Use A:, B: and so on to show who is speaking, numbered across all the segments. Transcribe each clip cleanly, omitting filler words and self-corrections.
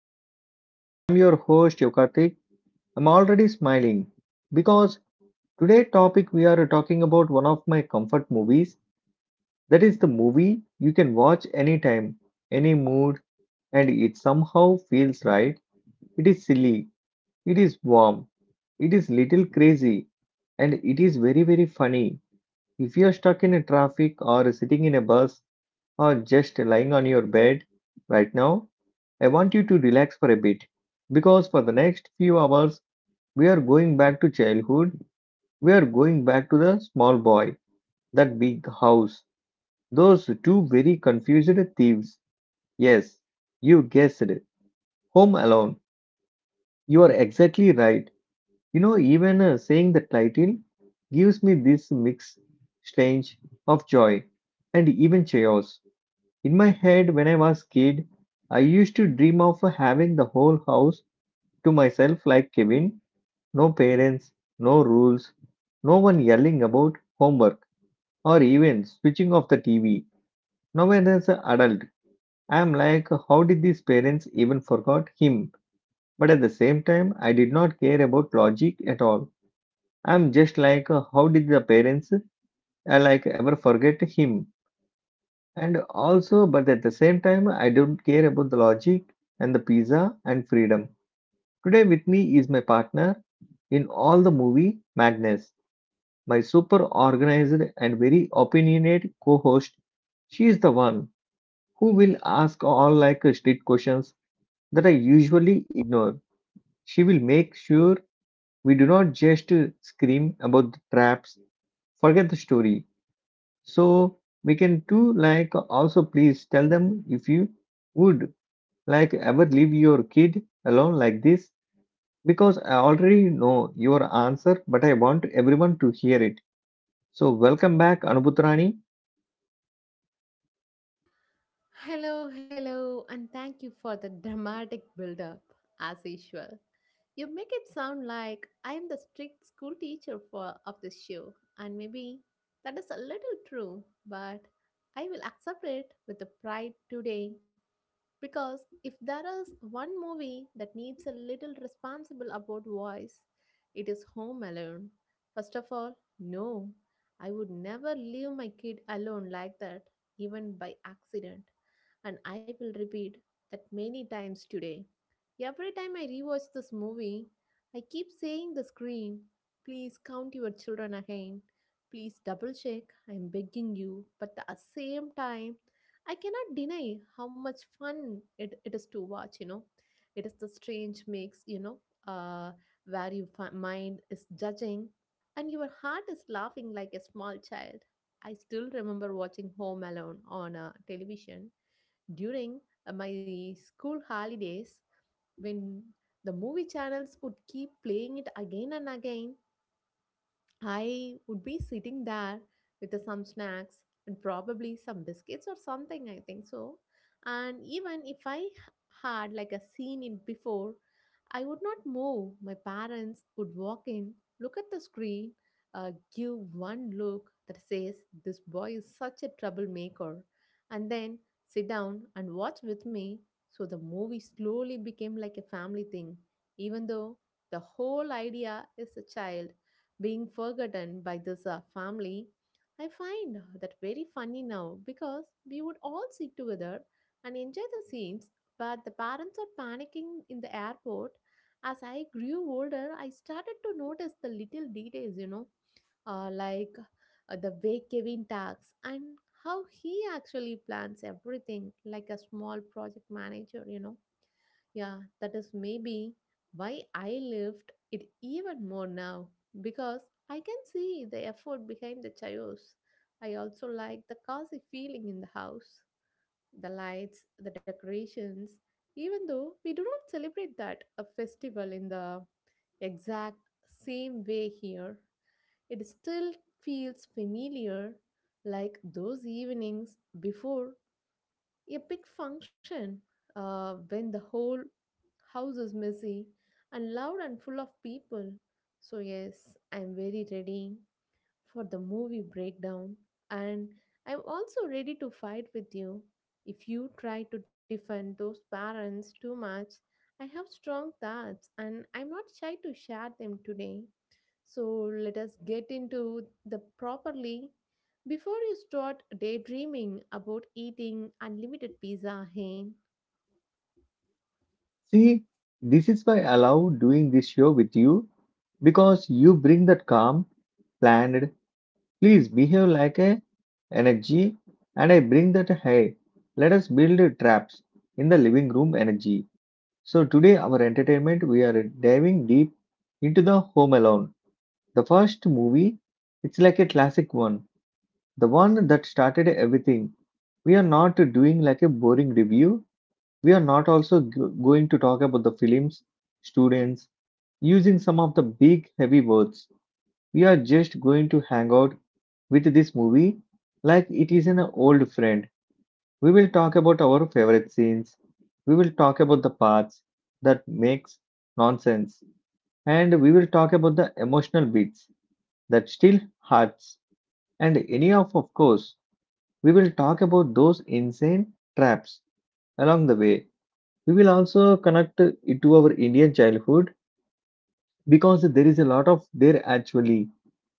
A: Entertainment. I'm your host Yokartik. I'm already smiling because today topic we are talking about one of my comfort movies. That is the movie you can watch anytime, any mood, and it somehow feels right. It is silly, it is warm, it is little crazy, and it is very very funny. If you are stuck in a traffic or sitting in a bus or just lying on your bed right now, I want you to relax for a bit because for the next few hours we are going back to childhood. We are going back to the small boy, that big house, those two very confused thieves. Yes, you guessed it. Home Alone. You are exactly right. You know, even saying the title gives me this mix strange of joy and even chaos. In my head, when I was kid, I used to dream of having the whole house to myself like Kevin. No parents, no rules, no one yelling about homework or even switching off the TV. Now as an adult, I am like, how did these parents even forgot him? But at the same time, I did not care about logic at all. I'm just like, how did the parents like ever forget him? And also, but at the same time, I don't care about the logic and the pizza and freedom. Today with me is my partner in all the movie, Magnus, my super organized and very opinionated co-host. She is the one who will ask all like street questions that I usually ignore. She will make sure we do not just scream about the traps, forget the story. So we can do like also please tell them if you would like ever leave your kid alone like this, because I already know your answer, but I want everyone to hear it. So welcome back, Anubhutrani.
B: Hello, hello, and thank you for the dramatic build up, as usual. You make it sound like I am the strict school teacher for of the show, and maybe that is a little true, but I will accept it with the pride today because if there is one movie that needs a little responsible about voice, it is Home Alone. First of all, no, I would never leave my kid alone like that, even by accident. And I will repeat that many times today. Every time I rewatch this movie, I keep saying the screen, please count your children again. Please double check. I'm begging you. But at the same time, I cannot deny how much fun it is to watch, you know. It is the strange mix, you know, uh, where your mind is judging and your heart is laughing like a small child. I still remember watching Home Alone on television during my school holidays when the movie channels would keep playing it again and again. I would be sitting there with some snacks and probably some biscuits or something, I think so. And even if I had like a scene in before, I would not move. My parents would walk in, look at the screen, give one look that says, this boy is such a troublemaker, and then sit down and watch with me. So the movie slowly became like a family thing, even though the whole idea is a child being forgotten by this family. I find that very funny now because we would all sit together and enjoy the scenes, but the parents are panicking in the airport. As I grew older, I started to notice the little details, you know, like the way Kevin talks and how he actually plans everything like a small project manager, you know. Yeah, that is maybe why I lived it even more now because I can see the effort behind the chaos. I also like the cozy feeling in the house, the lights, the decorations. Even though we do not celebrate that a festival in the exact same way here, it still feels familiar, like those evenings before a big function, when the whole house is messy and loud and full of people. So, yes, I'm very ready for the movie breakdown, and I'm also ready to fight with you. If you try to defend those parents too much, I have strong thoughts and I'm not shy to share them today. So let us get into the properly before you start daydreaming about eating unlimited pizza, hey?
A: See, this is why I love doing this show with you, because you bring that calm, planned, please behave like a energy, and I bring that hey, let us build traps in the living room energy. So today our entertainment we are diving deep into the Home Alone, the first movie. It's like a classic one, the one that started everything. We are not doing like a boring review, we are not also going to talk about the films, students, using some of the big heavy words. We are just going to hang out with this movie like it is an old friend. We will talk about our favorite scenes. We will talk about the parts that makes nonsense. And we will talk about the emotional beats that still hurts. And any of course, we will talk about those insane traps along the way. We will also connect it to our Indian childhood because there is a lot of there actually,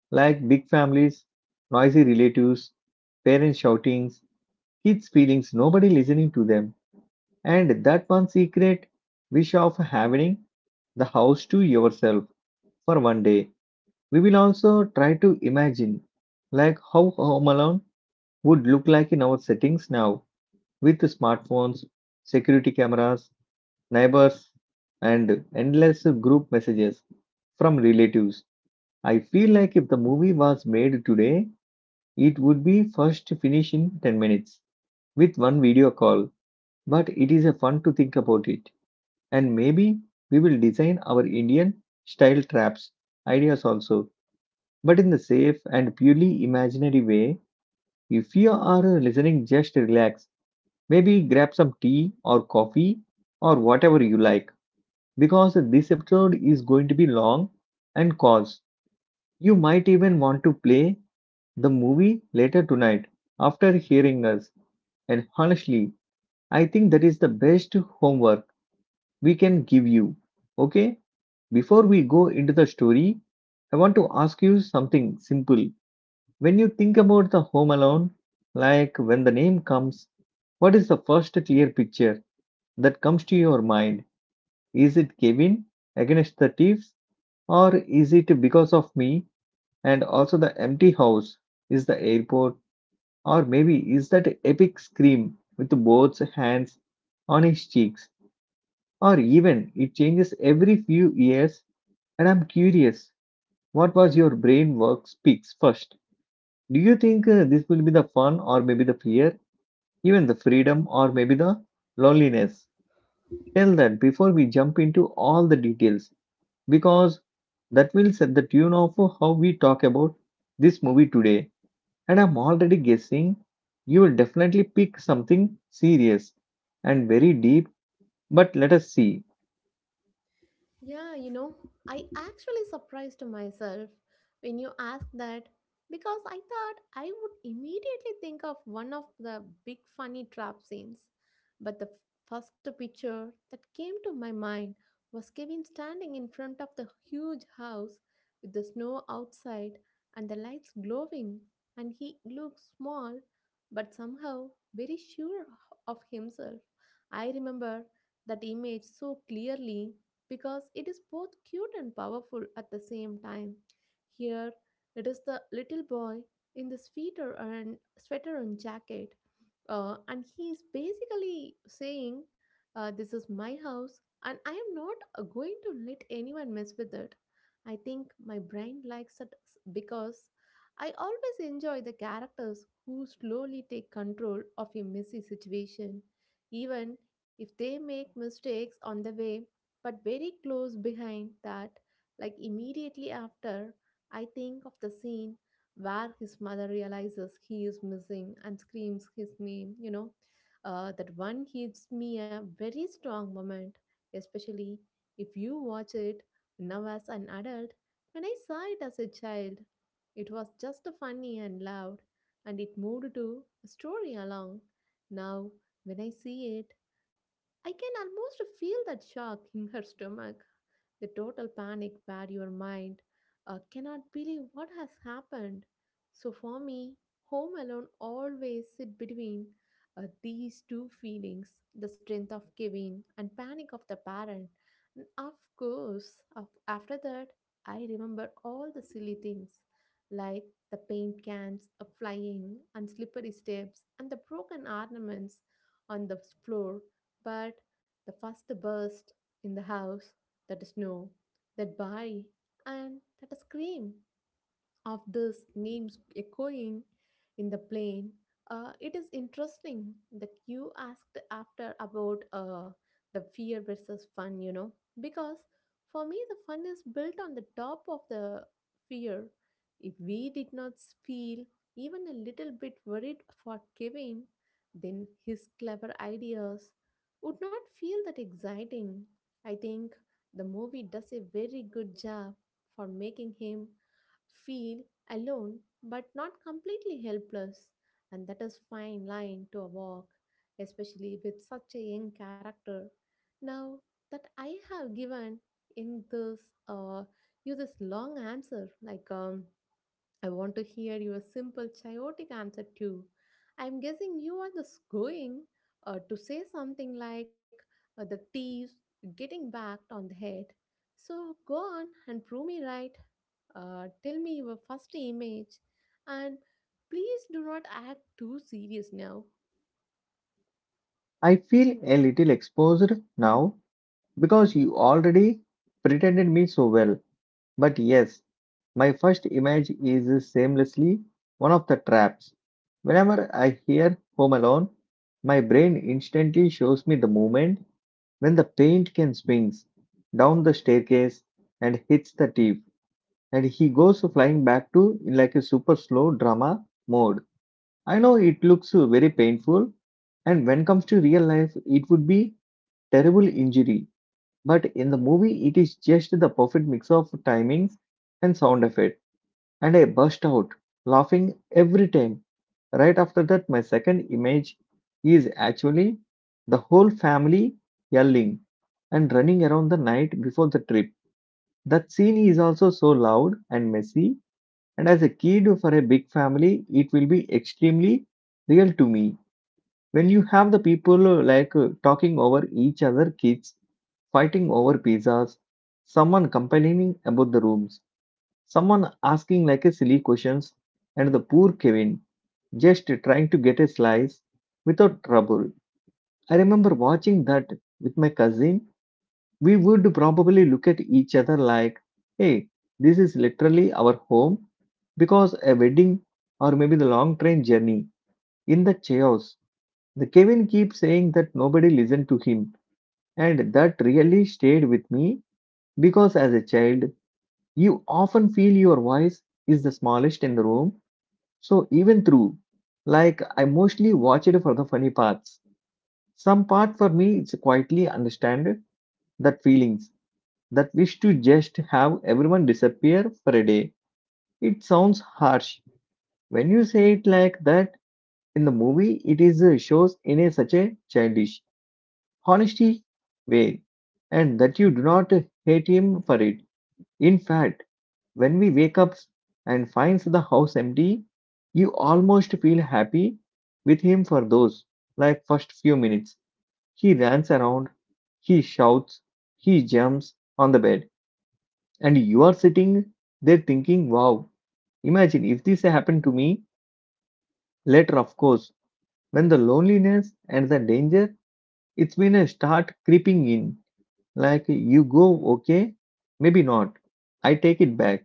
A: like big families, noisy relatives, parents shoutings, kids' feelings, nobody listening to them. And that one secret wish of having the house to yourself for one day. We will also try to imagine like how Home Alone would look like in our settings now, with the smartphones, security cameras, neighbors, and endless group messages from relatives. I feel like if the movie was made today, it would be first finished in 10 minutes with one video call. But it is a fun to think about it. And maybe we will design our Indian style traps ideas also, but in the safe and purely imaginary way. If you are listening, just relax. Maybe grab some tea or coffee or whatever you like because this episode is going to be long and cause you might even want to play the movie later tonight after hearing us. And honestly, I think that is the best homework we can give you. Okay? Before we go into the story, I want to ask you something simple. When you think about the home alone, like when the name comes, what is the first clear picture that comes to your mind? Is it Kevin against the thieves? Or is it because of me and also the empty house? Is the airport? Or maybe is that epic scream with both hands on his cheeks? Or even it changes every few years and I'm curious what was your brain work speaks first? Do you think this will be the fun or maybe the fear, even the freedom or maybe the loneliness? Tell that before we jump into all the details, because that will set the tune of how we talk about this movie today. And I'm already guessing you will definitely pick something serious and very deep, but let us see.
B: Yeah, you know, I actually surprised myself when you asked that because I thought I would immediately think of one of the big funny trap scenes. But the first picture that came to my mind was Kevin standing in front of the huge house with the snow outside and the lights glowing, and he looks small but somehow very sure of himself. I remember that image so clearly because it is both cute and powerful at the same time. Here, it is the little boy in the sweater and jacket, and he is basically saying, "This is my house, and I am not going to let anyone mess with it." I think my brain likes it because I always enjoy the characters who slowly take control of a messy situation, even if they make mistakes on the way. But very close behind that, like immediately after, I think of the scene where his mother realizes he is missing and screams his name, you know. That one gives me a very strong moment, especially if you watch it now as an adult. When I saw it as a child, it was just funny and loud, and it moved to a story along. Now, when I see it, I can almost feel that shock in her stomach, the total panic where your mind cannot believe what has happened. So for me, Home Alone always sit between these two feelings, the strength of giving and panic of the parent. And of course, after that, I remember all the silly things like the paint cans flying and slippery steps and the broken ornaments on the floor. But the first burst in the house, that is, snow, that bite, and that a scream of these names echoing in the plane. It is interesting that you asked after about the fear versus fun, you know, because for me, the fun is built on the top of the fear. If we did not feel even a little bit worried for Kevin, then his clever ideas would not feel that exciting. I think the movie does a very good job for making him feel alone but not completely helpless, and that is fine line to walk, especially with such a young character. Now that I have given in this uh, you this long answer, like I want to hear your simple, chaotic answer too. I'm guessing you are just going to say something like the thieves getting backed on the head. So go on and prove me right. Tell me your first image and please do not act too serious now.
A: I feel a little exposed now because you already pretended me so well. But yes, my first image is shamelessly one of the traps. Whenever I hear Home Alone, my brain instantly shows me the moment when the paint can swings down the staircase and hits the thief, and he goes flying back to in like a super slow drama mode. I know it looks very painful, and when comes to real life, it would be terrible injury. But in the movie, it is just the perfect mix of timings and sound effect, and I burst out laughing every time. Right after that, my second image is actually the whole family yelling and running around the night before the trip. That scene is also so loud and messy, and as a kid for a big family, it will be extremely real to me. When you have the people talking over each other, kids fighting over pizzas, someone complaining about the rooms, someone asking like a silly questions, and the poor Kevin just trying to get a slice without trouble. I remember watching that with my cousin, we would probably look at each other like, hey, this is literally our home because a wedding or maybe the long train journey in the chaos. The Kevin keeps saying that nobody listened to him, and that really stayed with me because as a child, you often feel your voice is the smallest in the room. So even through, like I mostly watch it for the funny parts. Some part for me is quietly understand that feelings, that wish to just have everyone disappear for a day. It sounds harsh when you say it like that. In the movie, it is shows in a such a childish, honesty way, and that you do not hate him for it. In fact, when we wake up and finds the house empty, you almost feel happy with him for those like first few minutes. He runs around, he shouts, he jumps on the bed. And you are sitting there thinking, wow, imagine if this happened to me. Later, of course, when the loneliness and the danger, it's been a start creeping in. Like you go, okay, maybe not. I take it back.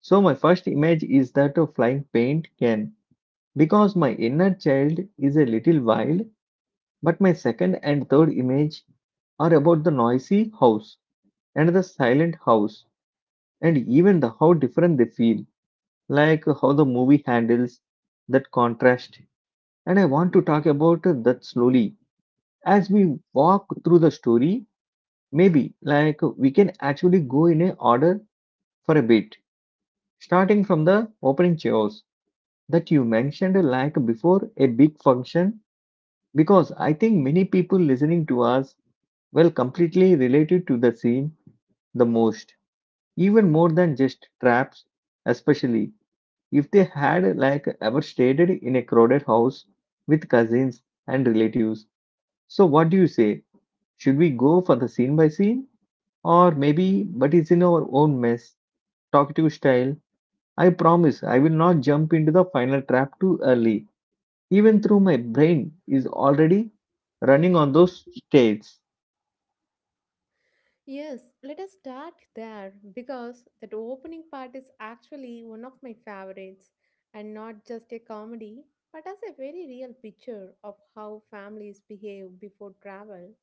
A: So my first image is that of flying paint can, because my inner child is a little wild, but my second and third image are about the noisy house and the silent house and even the how different they feel, like how the movie handles that contrast. And I want to talk about that slowly. As we walk through the story, maybe like we can actually go in a order for a bit, starting from the opening chaos that you mentioned like before a big function, because I think many people listening to us will completely related to the scene the most, even more than just traps, especially. If they had like ever stayed in a crowded house with cousins and relatives. So what do you say? Should we go for the scene by scene or maybe but it's in our own mess talkative style? I promise I will not jump into the final trap too early. Even though my brain is already running on those states.
B: Yes, let us start there because that opening part is actually one of my favorites, and not just a comedy but as a very real picture of how families behave before travel.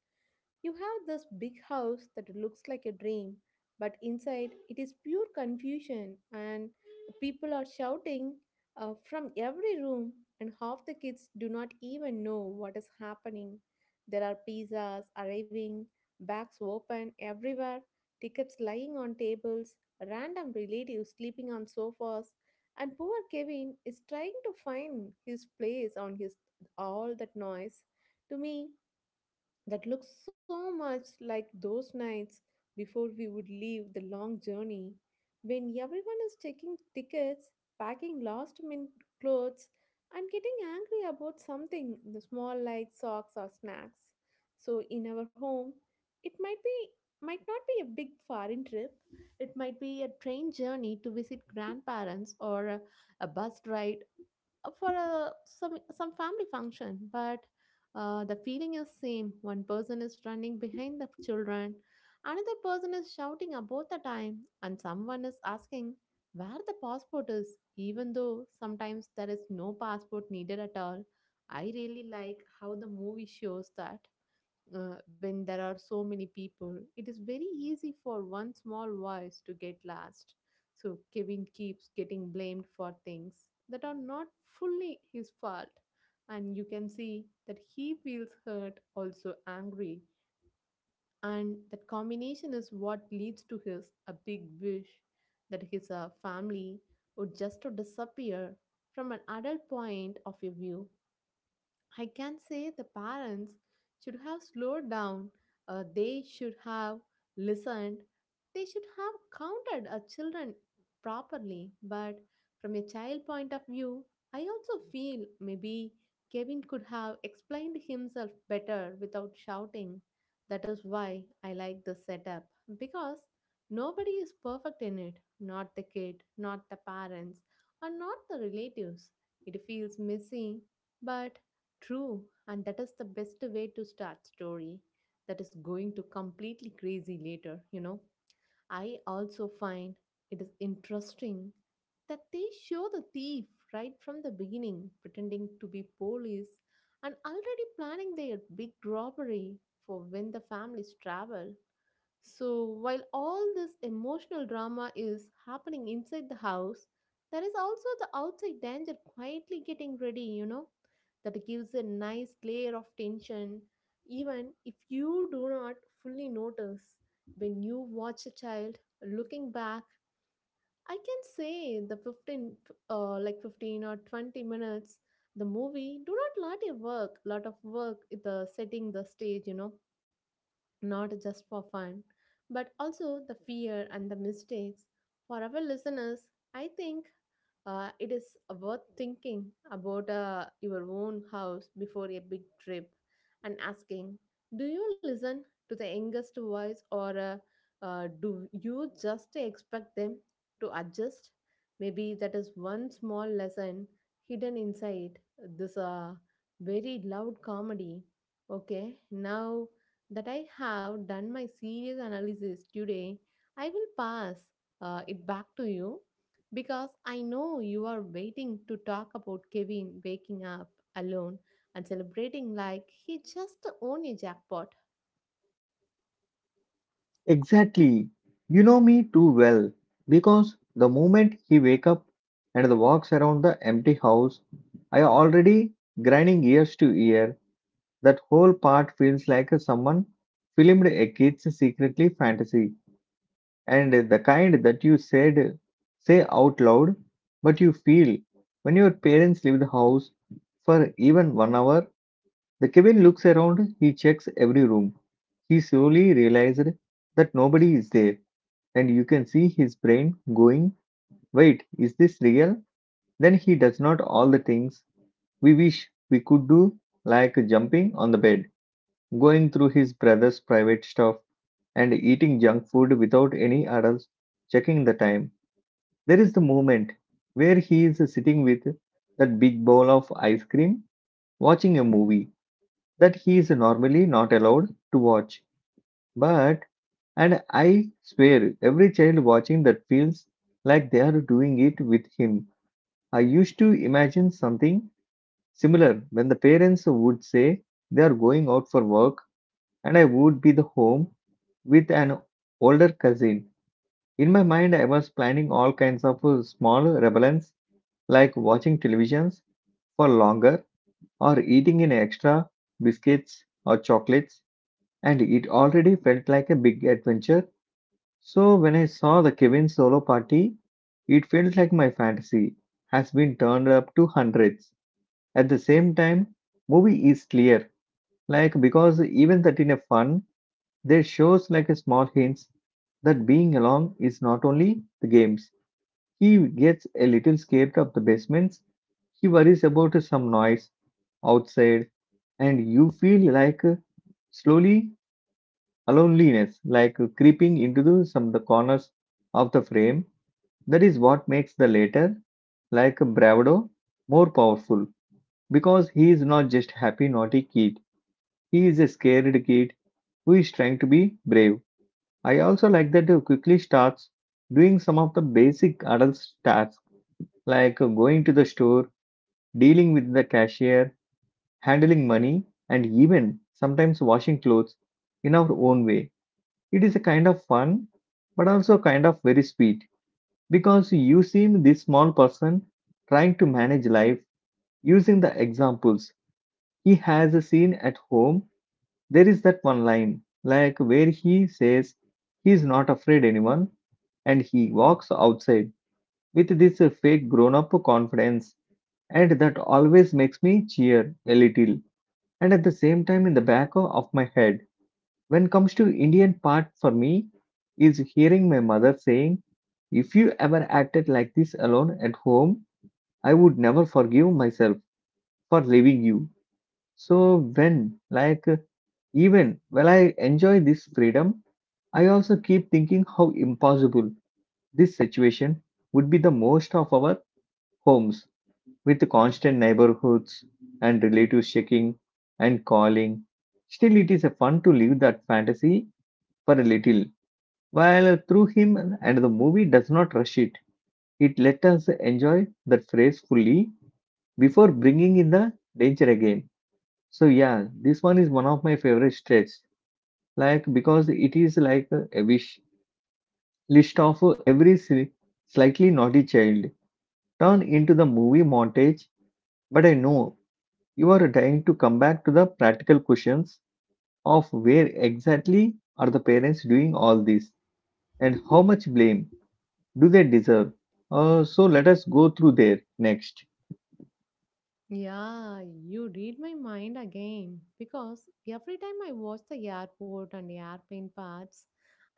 B: You have this big house that looks like a dream, but inside it is pure confusion, and people are shouting from every room, and half the kids do not even know what is happening. There are pizzas arriving, bags open everywhere, tickets lying on tables, random relatives sleeping on sofas, and poor Kevin is trying to find his place on his all that noise. To me, that looks so much like those nights before we would leave the long journey, when everyone is checking tickets, packing last minute clothes, and getting angry about something the small like socks or snacks. So in our home, it might be might not be a big foreign trip. It might be a train journey to visit grandparents or a bus ride for a, some family function, but the feeling is same. One person is running behind the children, another person is shouting about the time, and someone is asking where the passport is. Even though sometimes there is no passport needed at all, I really like how the movie shows that when there are so many people, it is very easy for one small voice to get lost. So Kevin keeps getting blamed for things that are not fully his fault. And you can see that he feels hurt, also angry. And that combination is what leads to his a big wish that his family would just to disappear. From an adult point of your view, I can say the parents should have slowed down, they should have listened, they should have counted our children properly. But from a child point of view, I also feel maybe Kevin could have explained himself better without shouting. That is why I like the setup because nobody is perfect in it, not the kid, not the parents, and not the relatives. It feels messy, but true, and that is the best way to start story that is going to completely crazy later, you know. I also find it is interesting that they show the thief right from the beginning pretending to be police and already planning their big robbery for when the families travel. So, while all this emotional drama is happening inside the house, there is also the outside danger quietly getting ready, you know, that gives a nice layer of tension, even if you do not fully notice. When you watch a child looking back, I can say the 15, like 15 or 20 minutes, the movie do not lot of work, the setting the stage, you know, not just for fun, but also the fear and the mistakes. For our listeners, I think it is worth thinking about your own house before a big trip and asking, do you listen to the youngest voice, or do you just expect them to adjust? Maybe that is one small lesson hidden inside this very loud comedy. Okay, now that I have done my serious analysis today, I will pass it back to you because I know you are waiting to talk about Kevin waking up alone and celebrating like he just won a jackpot.
A: Exactly. You know me too well because the moment he wake up and walks around the empty house, I already grinding ears to ear. That whole part feels like someone filmed a kid's secretly fantasy, and the kind that you said say out loud but you feel when your parents leave the house for even 1 hour. The Kevin looks around, he checks every room, he slowly realized that nobody is there, and you can see his brain going, wait, is this real? Then he does not all the things we wish we could do, like jumping on the bed, going through his brother's private stuff, and eating junk food without any adults checking the time. There is the moment where he is sitting with that big bowl of ice cream, watching a movie that he is normally not allowed to watch. But And I swear, every child watching that feels like they are doing it with him. I used to imagine something similar when the parents would say they are going out for work and I would be the home with an older cousin. In my mind, I was planning all kinds of small rebellions like watching televisions for longer or eating in extra biscuits or chocolates, and it already felt like a big adventure. So when I saw the Kevin solo party, it felt like my fantasy has been turned up to hundreds. At the same time, movie is clear, like because even that in a fun, there shows like a small hints that being along is not only the games. He gets a little scared of the basements. He worries about some noise outside, and you feel like slowly a loneliness, like creeping into the, some of the corners of the frame. That is what makes the latter, like Bravado, more powerful because he is not just happy naughty kid, he is a scared kid who is trying to be brave. I also like that he quickly starts doing some of the basic adult tasks like going to the store, dealing with the cashier, handling money, and even sometimes washing clothes in our own way. It is a kind of fun but also kind of very sweet. Because you seem this small person trying to manage life using the examples he has seen at home. There is that one line, like where he says he is not afraid anyone and he walks outside with this fake grown up confidence, and that always makes me cheer a little. And at the same time, in the back of my head, when comes to Indian part for me, is hearing my mother saying, if you ever acted like this alone at home, I would never forgive myself for leaving you. So when, like, even while I enjoy this freedom, I also keep thinking how impossible this situation would be the most of our homes with constant neighborhoods and relatives checking and calling. Still, it is a fun to live that fantasy for a little. While through him and the movie does not rush it, it let us enjoy that phrase fully before bringing in the danger again. So yeah, this one is one of my favorite stretch. Like because it is like a wish list of every slightly naughty child turned into the movie montage. But I know you are dying to come back to the practical questions of where exactly are the parents doing all this and how much blame do they deserve. So let us go through there next.
B: Yeah, you read my mind again because every time I watch the airport and airplane parts,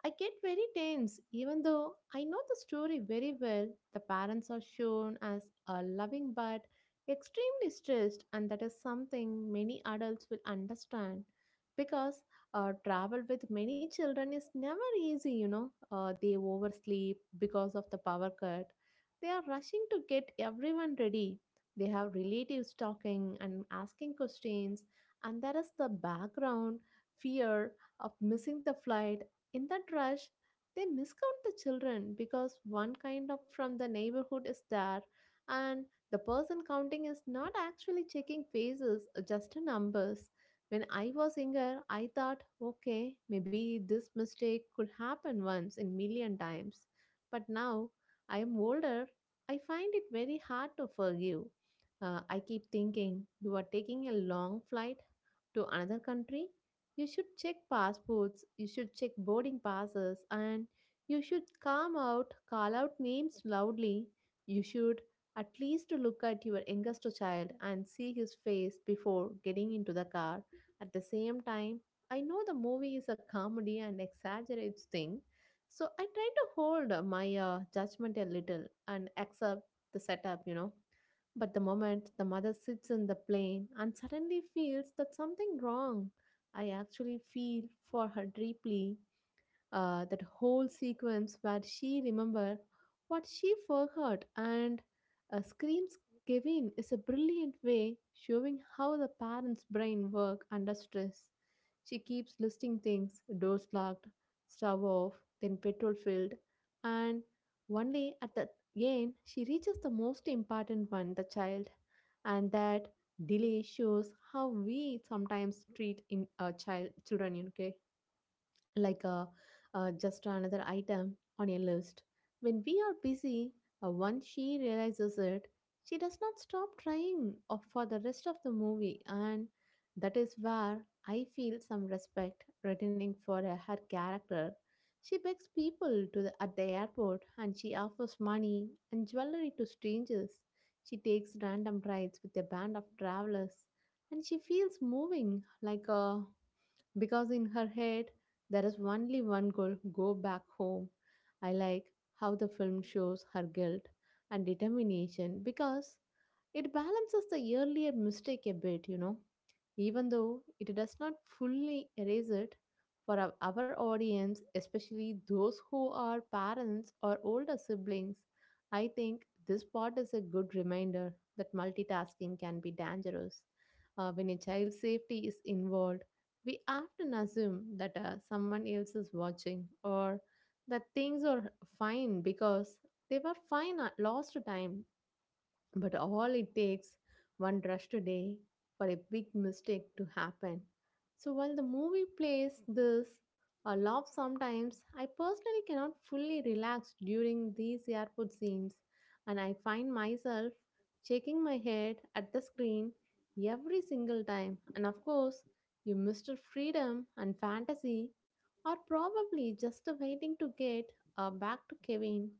B: I get very tense even though I know the story very well. The parents are shown as a loving but extremely stressed, and that is something many adults will understand because travel with many children is never easy, you know. They oversleep because of the power cut. They are rushing to get everyone ready, they have relatives talking and asking questions, and there is the background fear of missing the flight. In that rush, they miscount the children because one kind of from the neighborhood is there, and the person counting is not actually checking faces, just numbers. When I was younger I thought, okay, maybe this mistake could happen once in million times, but now I am older, I find it very hard to forgive. I keep thinking, you are taking a long flight to another country? You should check passports, you should check boarding passes, and you should come out, call out names loudly. You should at least look at your youngest child and see his face before getting into the car. At the same time, I know the movie is a comedy and exaggerates things, so I try to hold my judgment a little and accept the setup, you know. But the moment the mother sits in the plane and suddenly feels that something wrong, I actually feel for her deeply. Uh, that whole sequence where she remember what she forgot and screams Kevin is a brilliant way showing how the parents' brain work under stress. She keeps listing things: doors locked, stove off, then petrol filled, and only at the end she reaches the most important one: the child, and that delay shows how we sometimes treat in a child children. You know, like a just another item on a list. When we are busy, once she realizes it, she does not stop trying for the rest of the movie, and that is where I feel some respect returning for her character. She begs people at the airport, and she offers money and jewelry to strangers. She takes random rides with a band of travelers, and she feels moving like a, because in her head there is only one goal: go back home. I like how the film shows her guilt and determination because it balances the earlier mistake a bit, you know, even though it does not fully erase it for our audience, especially those who are parents or older siblings. I think this part is a good reminder that multitasking can be dangerous. When a child's safety is involved, we often assume that someone else is watching or that things are fine because they were fine at last time, but all it takes one rushed day for a big mistake to happen. So while the movie plays this a lot sometimes, I personally cannot fully relax during these airport scenes, and I find myself shaking my head at the screen every single time. And of course, you, Mr. Freedom and Fantasy, are probably just waiting to get back to Kevin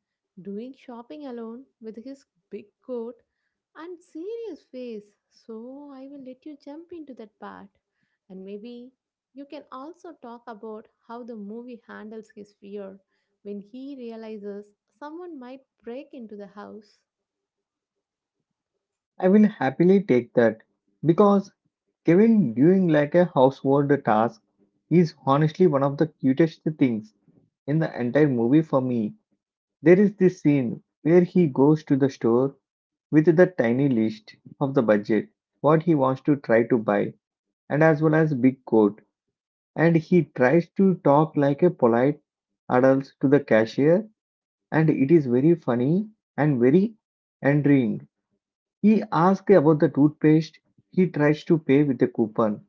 B: doing shopping alone with his big coat and serious face, so I will let you jump into that part. And maybe you can also talk about how the movie handles his fear when he realizes someone might break into the house.
A: I will happily take that because Kevin doing like a household task is honestly one of the cutest things in the entire movie for me. There is this scene where he goes to the store with the tiny list of the budget, what he wants to try to buy, and as well as big coat. And he tries to talk like a polite adult to the cashier, and it is very funny and very endearing. He asks about the toothpaste. He tries to pay with a coupon,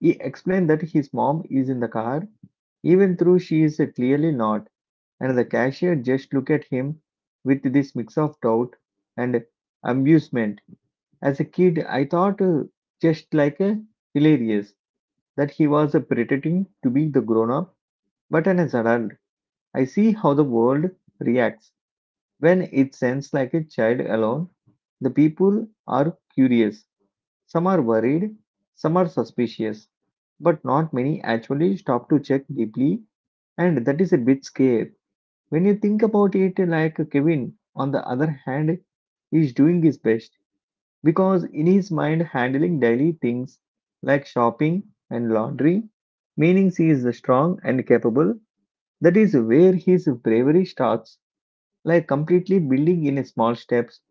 A: he explained that his mom is in the car, even though she is clearly not, and the cashier just looked at him with this mix of doubt and amusement. As a kid, I thought just like a hilarious that he was pretending to be the grown up, but as an adult, I see how the world reacts when it sends like a child alone. The people are curious, some are worried, some are suspicious, but not many actually stop to check deeply, and that is a bit scary. When you think about it, like Kevin, on the other hand, is doing his best because in his mind, handling daily things like shopping and laundry, meaning he is strong and capable. That is where his bravery starts, like completely building in small steps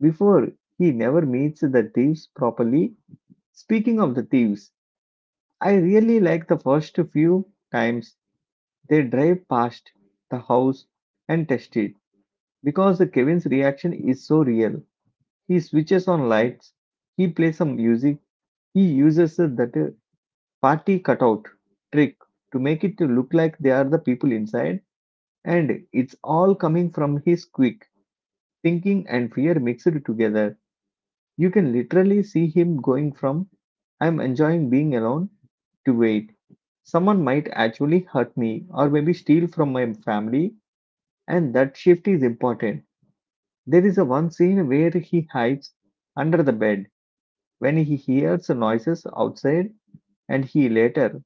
A: before he never meets the thieves properly. Speaking of the thieves, I really like the first few times they drive past the house and test it because Kevin's reaction is so real. He switches on lights, he plays some music, he uses that party cutout trick to make it to look like they are the people inside, and it's all coming from his quick thinking and fear mixed together. You can literally see him going from I'm enjoying being alone to wait. Someone might actually hurt me or maybe steal from my family, and that shift is important. There is a one scene where he hides under the bed when he hears noises outside, and he later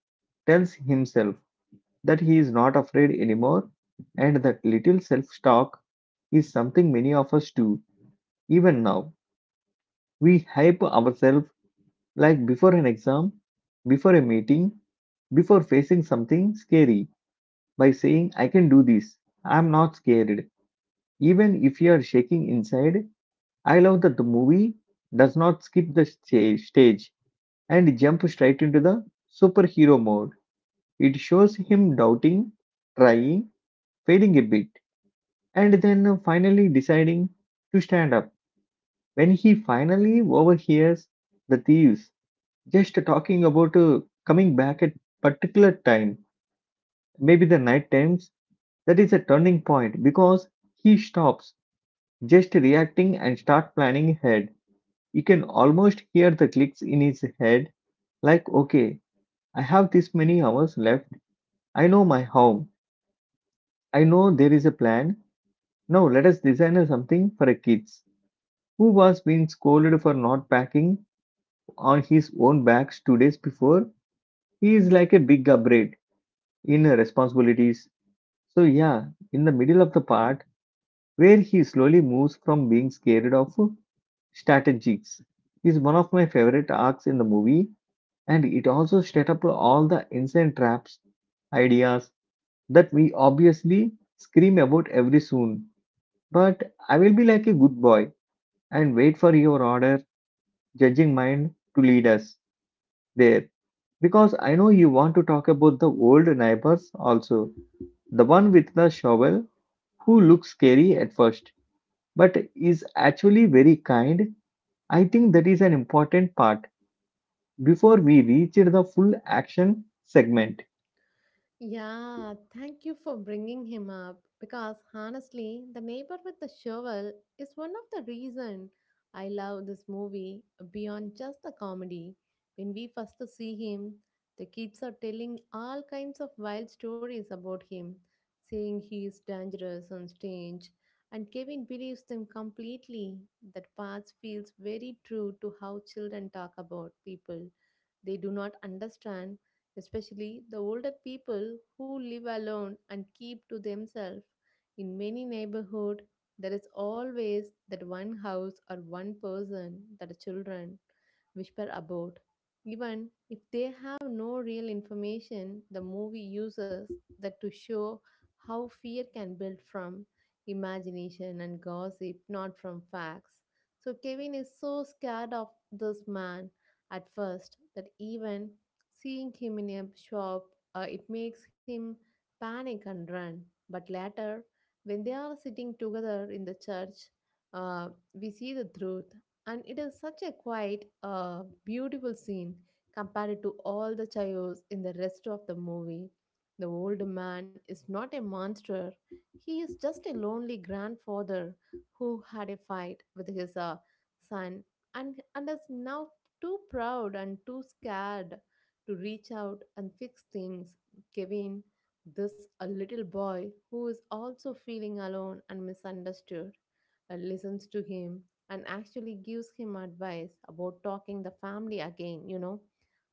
A: tells himself that he is not afraid anymore, and that little self talk is something many of us do. Even now, we hype ourselves like before an exam, before a meeting, before facing something scary by saying, I can do this. I'm not scared. Even if you are shaking inside, I love that the movie does not skip the stage and jump straight into the superhero mode. It shows him doubting, trying, failing a bit, and then finally deciding to stand up. When he finally overhears the thieves just talking about coming back at particular time, maybe the night times, that is a turning point because he stops just reacting and start planning ahead. You can almost hear the clicks in his head like, okay, I have this many hours left. I know my home. I know there is a plan. Now let us design something for a kids who was being scolded for not packing on his own bags two days before. He is like a big upgrade in responsibilities. So yeah, in the middle of the part where he slowly moves from being scared of strategies is one of my favorite arcs in the movie and it also set up all the insane traps ideas that we obviously scream about every soon. But I will be like a good boy and wait for your order, judging mind to lead us there. Because I know you want to talk about the old neighbors also. The one with the shovel who looks scary at first, but is actually very kind. I think that is an important part before we reach the full action segment.
B: Yeah, thank you for bringing him up because honestly, the neighbor with the shovel is one of the reason I love this movie beyond just the comedy. When we first see him, the kids are telling all kinds of wild stories about him, saying he is dangerous on stage, and Kevin believes them completely. That part feels very true to how children talk about people they do not understand, especially the older people who live alone and keep to themselves. In many neighborhoods, there is always that one house or one person that the children whisper about. Even if they have no real information, the movie uses that to show how fear can build from imagination and gossip, not from facts. So Kevin is so scared of this man at first that even seeing him in a shop, it makes him panic and run. But later, when they are sitting together in the church, we see the truth. And it is such a quiet, beautiful scene compared to all the chaos in the rest of the movie. The old man is not a monster. He is just a lonely grandfather who had a fight with his son, and is now too proud and too scared to reach out and fix things, giving this a little boy who is also feeling alone and misunderstood, listens to him and actually gives him advice about talking the family again, you know.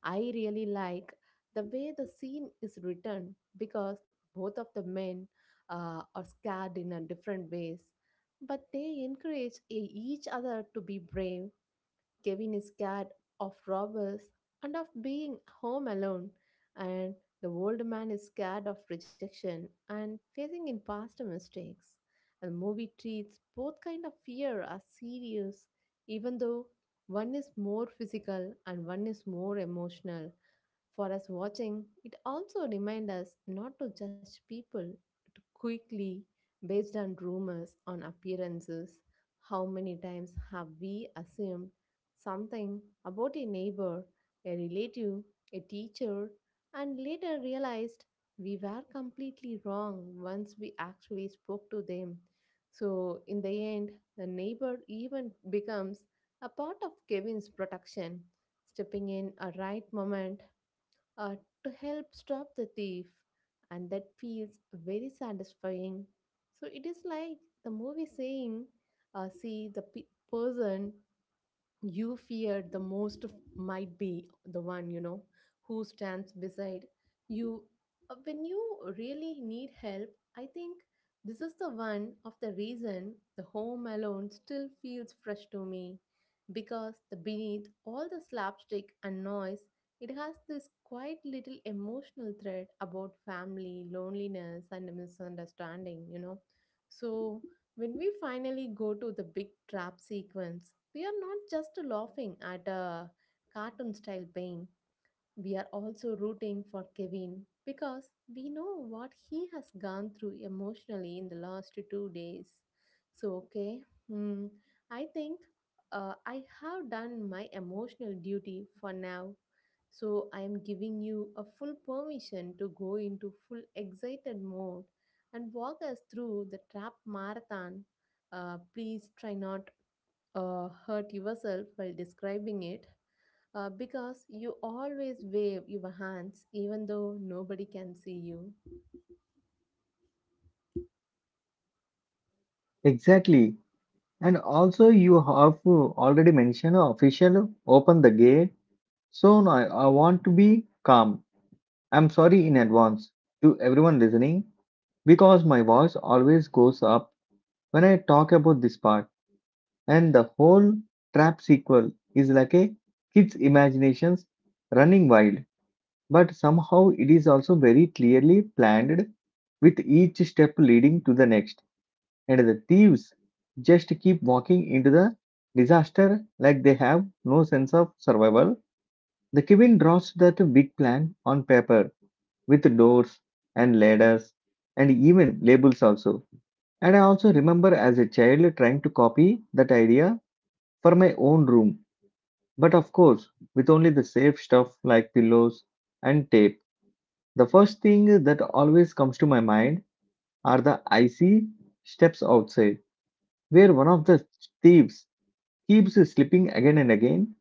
B: I really like the way the scene is written because both of the men are scared in a different ways, but they encourage each other to be brave. Kevin is scared of robbers and of being home alone, and the old man is scared of rejection and facing in past mistakes. And the movie treats both kind of fear as serious, even though one is more physical and one is more emotional. For us watching, it also reminds us not to judge people too quickly based on rumors, on appearances. How many times have we assumed something about a neighbor, a relative, a teacher, and later realized we were completely wrong once we actually spoke to them? So, in the end, the neighbor even becomes a part of Kevin's protection, stepping in a right moment uh, to help stop the thief, and that feels very satisfying. So it is like the movie saying, "See the person you feared the most might be the one you know who stands beside you. When you really need help." I think this is the one of the reason the Home Alone still feels fresh to me, because the beneath all the slapstick and noise it has this quite little emotional thread about family loneliness and misunderstanding, you know. So when we finally go to the big trap sequence, we are not just laughing at a cartoon style pain, we are also rooting for Kevin because we know what he has gone through emotionally in the last two days. So, okay, hmm, I think I have done my emotional duty for now. So, I am giving you a full permission to go into full excited mode and walk us through the trap marathon. Please try not hurt yourself while describing it, because you always wave your hands even though nobody can see you.
A: Exactly. And also, you have already mentioned official open the gate. So now I want to be calm. I'm sorry in advance to everyone listening because my voice always goes up when I talk about this part. And the whole trap sequel is like a kid's imaginations running wild. But somehow it is also very clearly planned with each step leading to the next and the thieves just keep walking into the disaster like they have no sense of survival. The Kevin draws that big plan on paper with doors and ladders and even labels also. And I also remember as a child trying to copy that idea for my own room, but of course, with only the safe stuff like pillows and tape. The first thing that always comes to my mind are the icy steps outside, where one of the thieves keeps slipping again and again,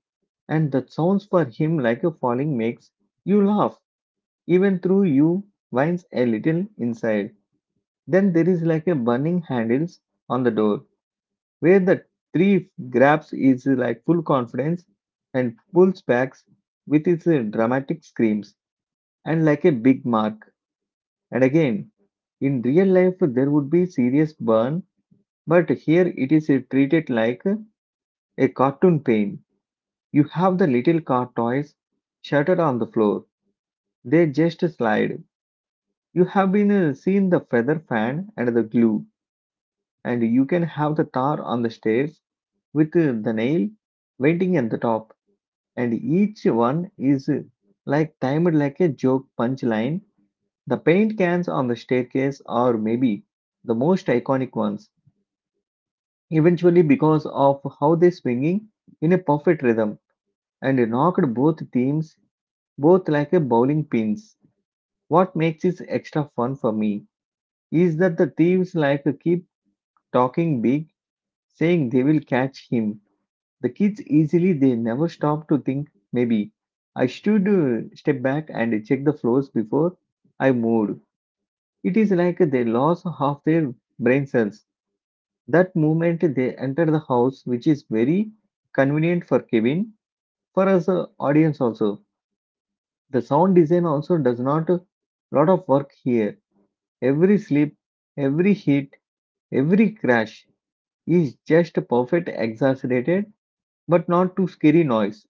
A: and the sounds for him like a falling makes you laugh, even through you whines a little inside. Then there is like a burning handles on the door, where the three grabs is like full confidence and pulls back with its dramatic screams and like a big mark. And again, in real life there would be serious burn, but here it is treated like a cartoon pain. You have the little car toys shattered on the floor. They just slide. You have been seen the feather fan and the glue, and you can have the tar on the stairs with the nail waiting at the top. And each one is like timed like a joke punchline. The paint cans on the staircase are maybe the most iconic ones, eventually because of how they swinging in a perfect rhythm and knocked both teams both like a bowling pins. What makes it extra fun for me is that the thieves like to keep talking big, saying they will catch him. The kids easily they never stop to think maybe I should step back and check the floors before I moved. It is like they lost half their brain cells. That moment they enter the house, which is very convenient for Kevin, for us audience also. The sound design also does not a lot of work here. Every slip, every hit, every crash is just a perfect exaggerated but not too scary noise.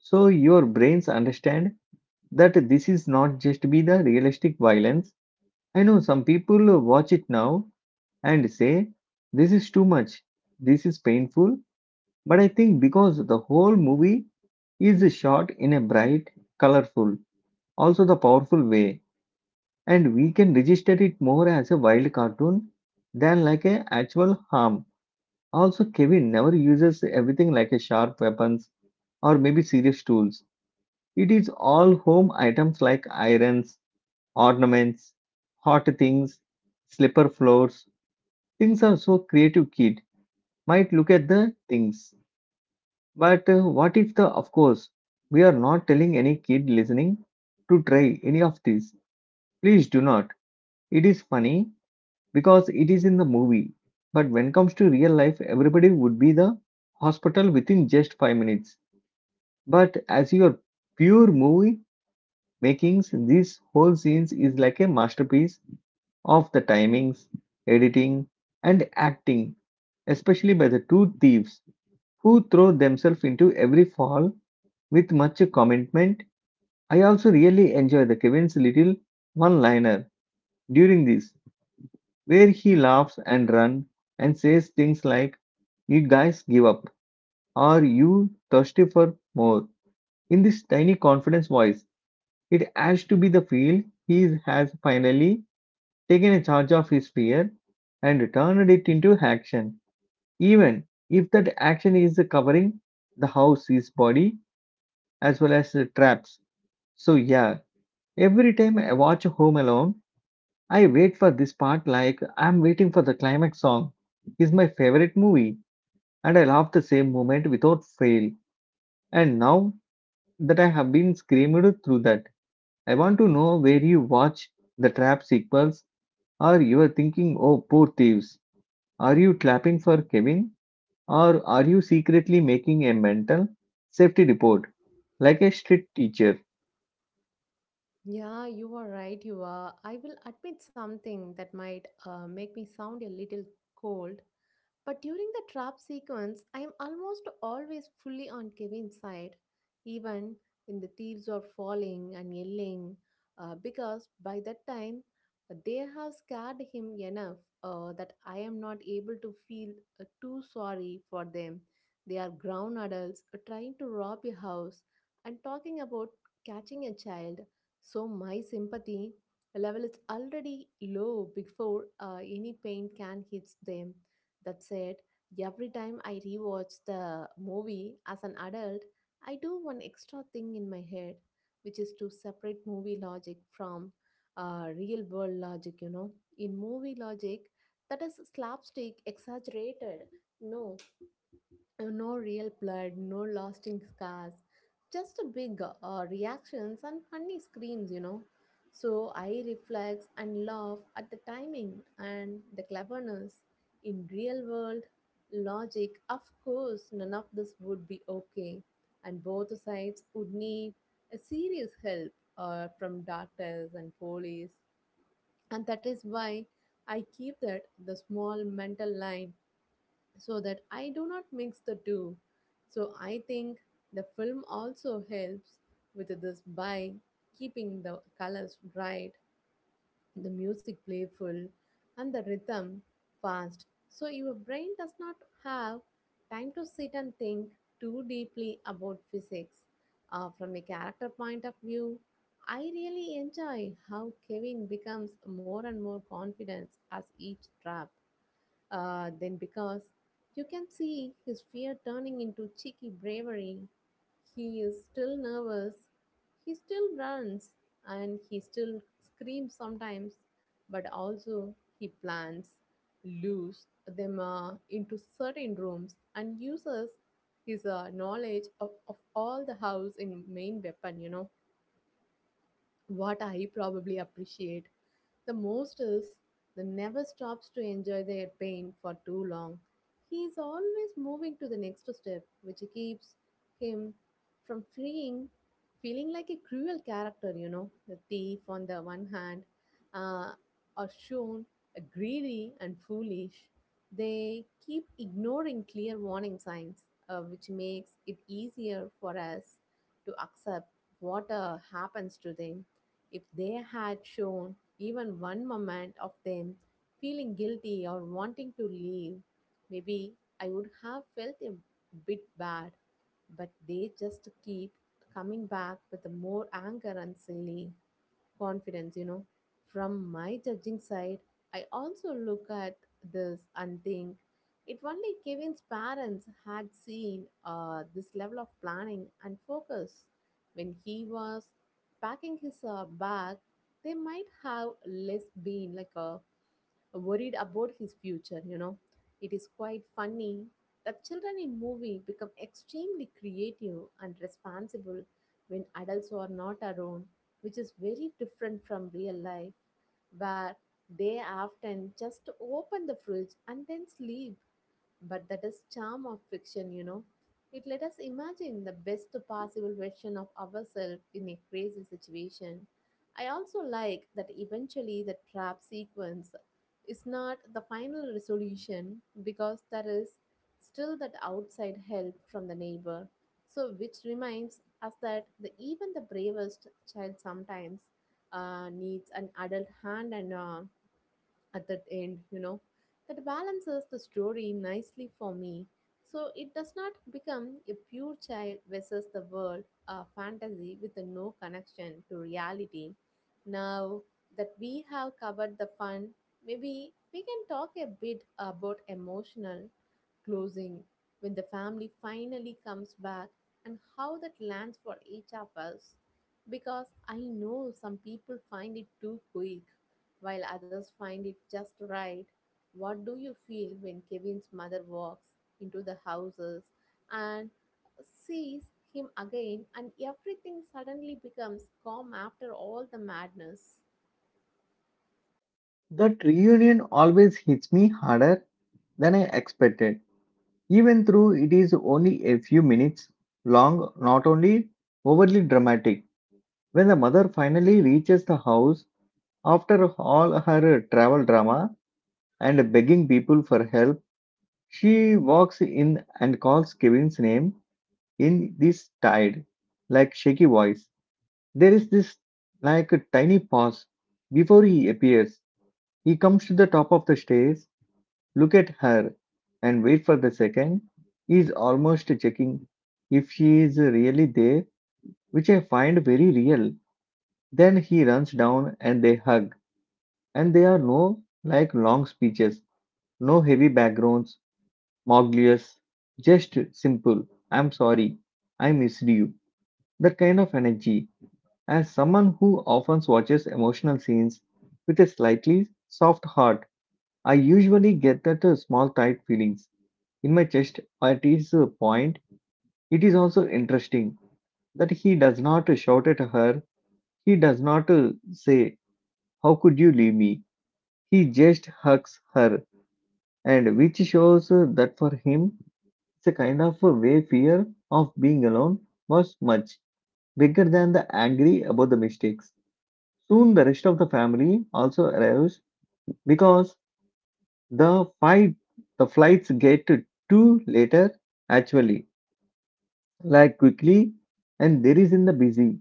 A: So your brains understand that this is not just be the realistic violence. I know some people watch it now and say this is too much. This is painful, but I think because the whole movie is shot in a bright, colorful, also the powerful way and we can register it more as a wild cartoon than like a actual harm. Also, Kevin never uses everything like a sharp weapons or maybe serious tools. It is all home items like irons, ornaments, hot things, slipper floors. Things are so creative kid might look at the things. But what if the of course we are not telling any kid listening to try any of these. Please do not. It is funny because it is in the movie. But when comes to real life everybody would be the hospital within just 5 minutes. But as your pure movie makings, this whole scenes is like a masterpiece of the timings, editing, and acting, especially by the two thieves who throw themselves into every fall with much commitment. I also really enjoy the Kevin's little one-liner during this, where he laughs and runs and says things like "You guys give up," or "You thirsty for more," in this tiny confidence voice. It has to be the feel he has finally taken a charge of his fear and turned it into action, even if that action is covering the house, his body, as well as the traps. So, yeah, every time I watch Home Alone, I wait for this part like I'm waiting for the climax song. It's my favorite movie, and I love the same moment without fail. And now that I have been screamed through that, I want to know where you watch the trap sequels. Or you are thinking, oh, poor thieves, are you clapping for Kevin? Or are you secretly making a mental safety report like a strict teacher?
B: Yeah, you are right, you are. I will admit something that might make me sound a little cold. But during the trap sequence, I am almost always fully on Kevin's side, even when the thieves are falling and yelling, because by that time they have scared him enough that I am not able to feel too sorry for them. They are grown adults trying to rob a house and talking about catching a child, so my sympathy level is already low before any pain can hit them. That said, every time I rewatch the movie as an adult, I do one extra thing in my head, which is to separate movie logic from real world logic, you know. In movie logic, that is slapstick, exaggerated, no no real blood, no lasting scars, just a big reactions and funny screams, you know. So I reflect and laugh at the timing and the cleverness. In real world logic, of course, none of this would be okay, and both sides would need a serious help from doctors and police, and that is why I keep that the small mental line so that I do not mix the two. So I think the film also helps with this by keeping the colors bright, the music playful, and the rhythm fast. So your brain does not have time to sit and think too deeply about physics. From a character point of view, I really enjoy how Kevin becomes more and more confident as each trap then, because you can see his fear turning into cheeky bravery. He is still nervous, he still runs, and he still screams sometimes, but also he plans, lures them into certain rooms, and uses his knowledge of all the house in main weapon, you know. What I probably appreciate the most is the never stops to enjoy their pain for too long. He is always moving to the next step, which keeps him from freeing, feeling like a cruel character, you know. The thief on the one hand, uh, are shown greedy and foolish. They keep ignoring clear warning signs, which makes it easier for us to accept what happens to them. If they had shown even one moment of them feeling guilty or wanting to leave, maybe I would have felt a bit bad. But they just keep coming back with more anger and silly confidence, you know. From my judging side, I also look at this and think, if only Kevin's parents had seen this level of planning and focus when he was packing his bag, they might have less been like a worried about his future, you know. It is quite funny that children in movie become extremely creative and responsible when adults are not around, which is very different from real life, where they often just open the fridge and then sleep, but that is charm of fiction, you know. It let us imagine the best possible version of ourselves in a crazy situation. I also like that eventually the trap sequence is not the final resolution because there is still that outside help from the neighbor. So, which reminds us that even the bravest child sometimes needs an adult hand and at that end, you know, that balances the story nicely for me. So it does not become a pure child versus the world fantasy with a no connection to reality. Now that we have covered the fun, maybe we can talk a bit about emotional closing, when the family finally comes back, and how that lands for each of us. Because I know some people find it too quick, while others find it just right. What do you feel when Kevin's mother walks into the houses and sees him again, and everything suddenly becomes calm after all the madness?
A: That reunion always hits me harder than I expected, even though it is only a few minutes long, not only overly dramatic. When the mother finally reaches the house after all her travel drama and begging people for help, she walks in and calls Kevin's name in this tired, like shaky voice. There is this like a tiny pause before he appears. He comes to the top of the stairs, look at her, and wait for the second. He is almost checking if she is really there, which I find very real. Then he runs down and they hug, and there are no like long speeches, no heavy backgrounds, moglius, just simple. I'm sorry, I missed you. That kind of energy. As someone who often watches emotional scenes with a slightly soft heart, I usually get that small tight feelings in my chest at this point. It is also interesting that he does not shout at her. He does not say, how could you leave me? He just hugs her, and which shows that for him, it's a kind of a way fear of being alone was much bigger than the angry about the mistakes. Soon the rest of the family also arrives because the fight the flights get too later actually like quickly, and there is in the busy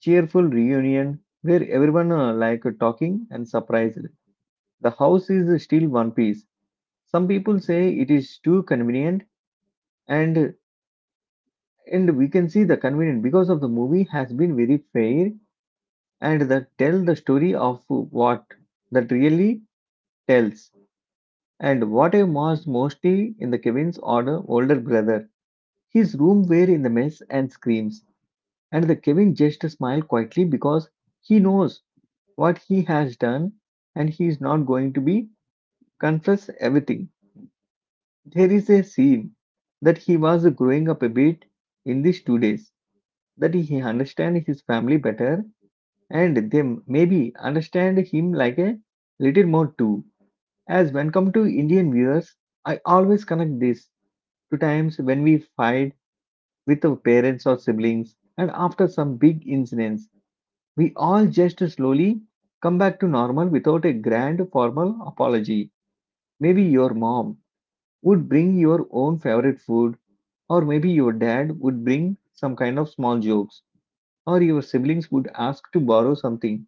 A: cheerful reunion where everyone talking and surprised, the house is still one piece. Some people say it is too convenient, and and we can see the convenient because of the movie has been very fair and that really tells. And what I was mostly in the Kevin's order older brother, his room were in the mess and screams, and the Kevin just smiled quietly because he knows what he has done and he is not going to be confess everything. There is a scene that he was growing up a bit in these 2 days, that he understand his family better and they maybe understand him like a little more too. As when come to Indian viewers, I always connect this to times when we fight with our parents or siblings, and after some big incidents, we all just slowly come back to normal without a grand formal apology. Maybe your mom would bring your own favorite food, or maybe your dad would bring some kind of small jokes, or your siblings would ask to borrow something.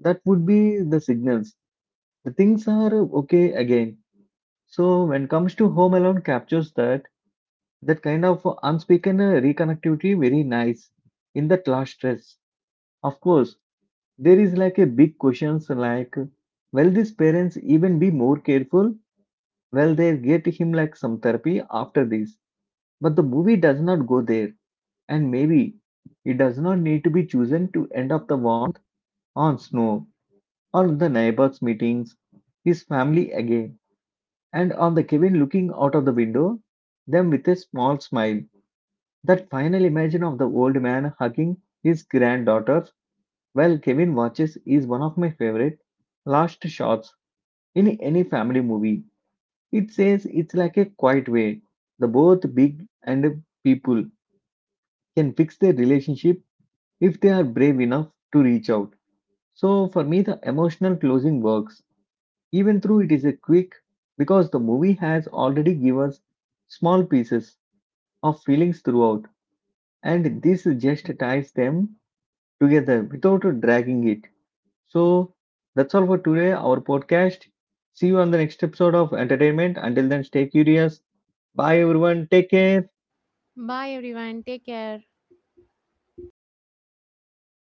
A: That would be the signals. The things are okay again. So when comes to Home Alone captures that kind of unspoken reconnectivity very nice in that last stress. Of course, there is like a big questions like will these parents even be more careful? Well, they get him like some therapy after this. But the movie does not go there, and maybe it does not need to be chosen to end up the warmth on snow or the neighbors meeting his family again, and on the Kevin looking out of the window, them with a small smile. That final image of the old man hugging his granddaughter, well, Kevin Watches is one of my favorite last shots in any family movie. It says it's like a quiet way. The both big and people can fix their relationship if they are brave enough to reach out. So for me, the emotional closing works, even though it is a quick, because the movie has already given us small pieces of feelings throughout, and this just ties them together without dragging it. So that's all for today, our podcast. See you on the next episode of Entertainment. Until then, stay curious. Bye, everyone. Take care.
B: Bye, everyone. Take care.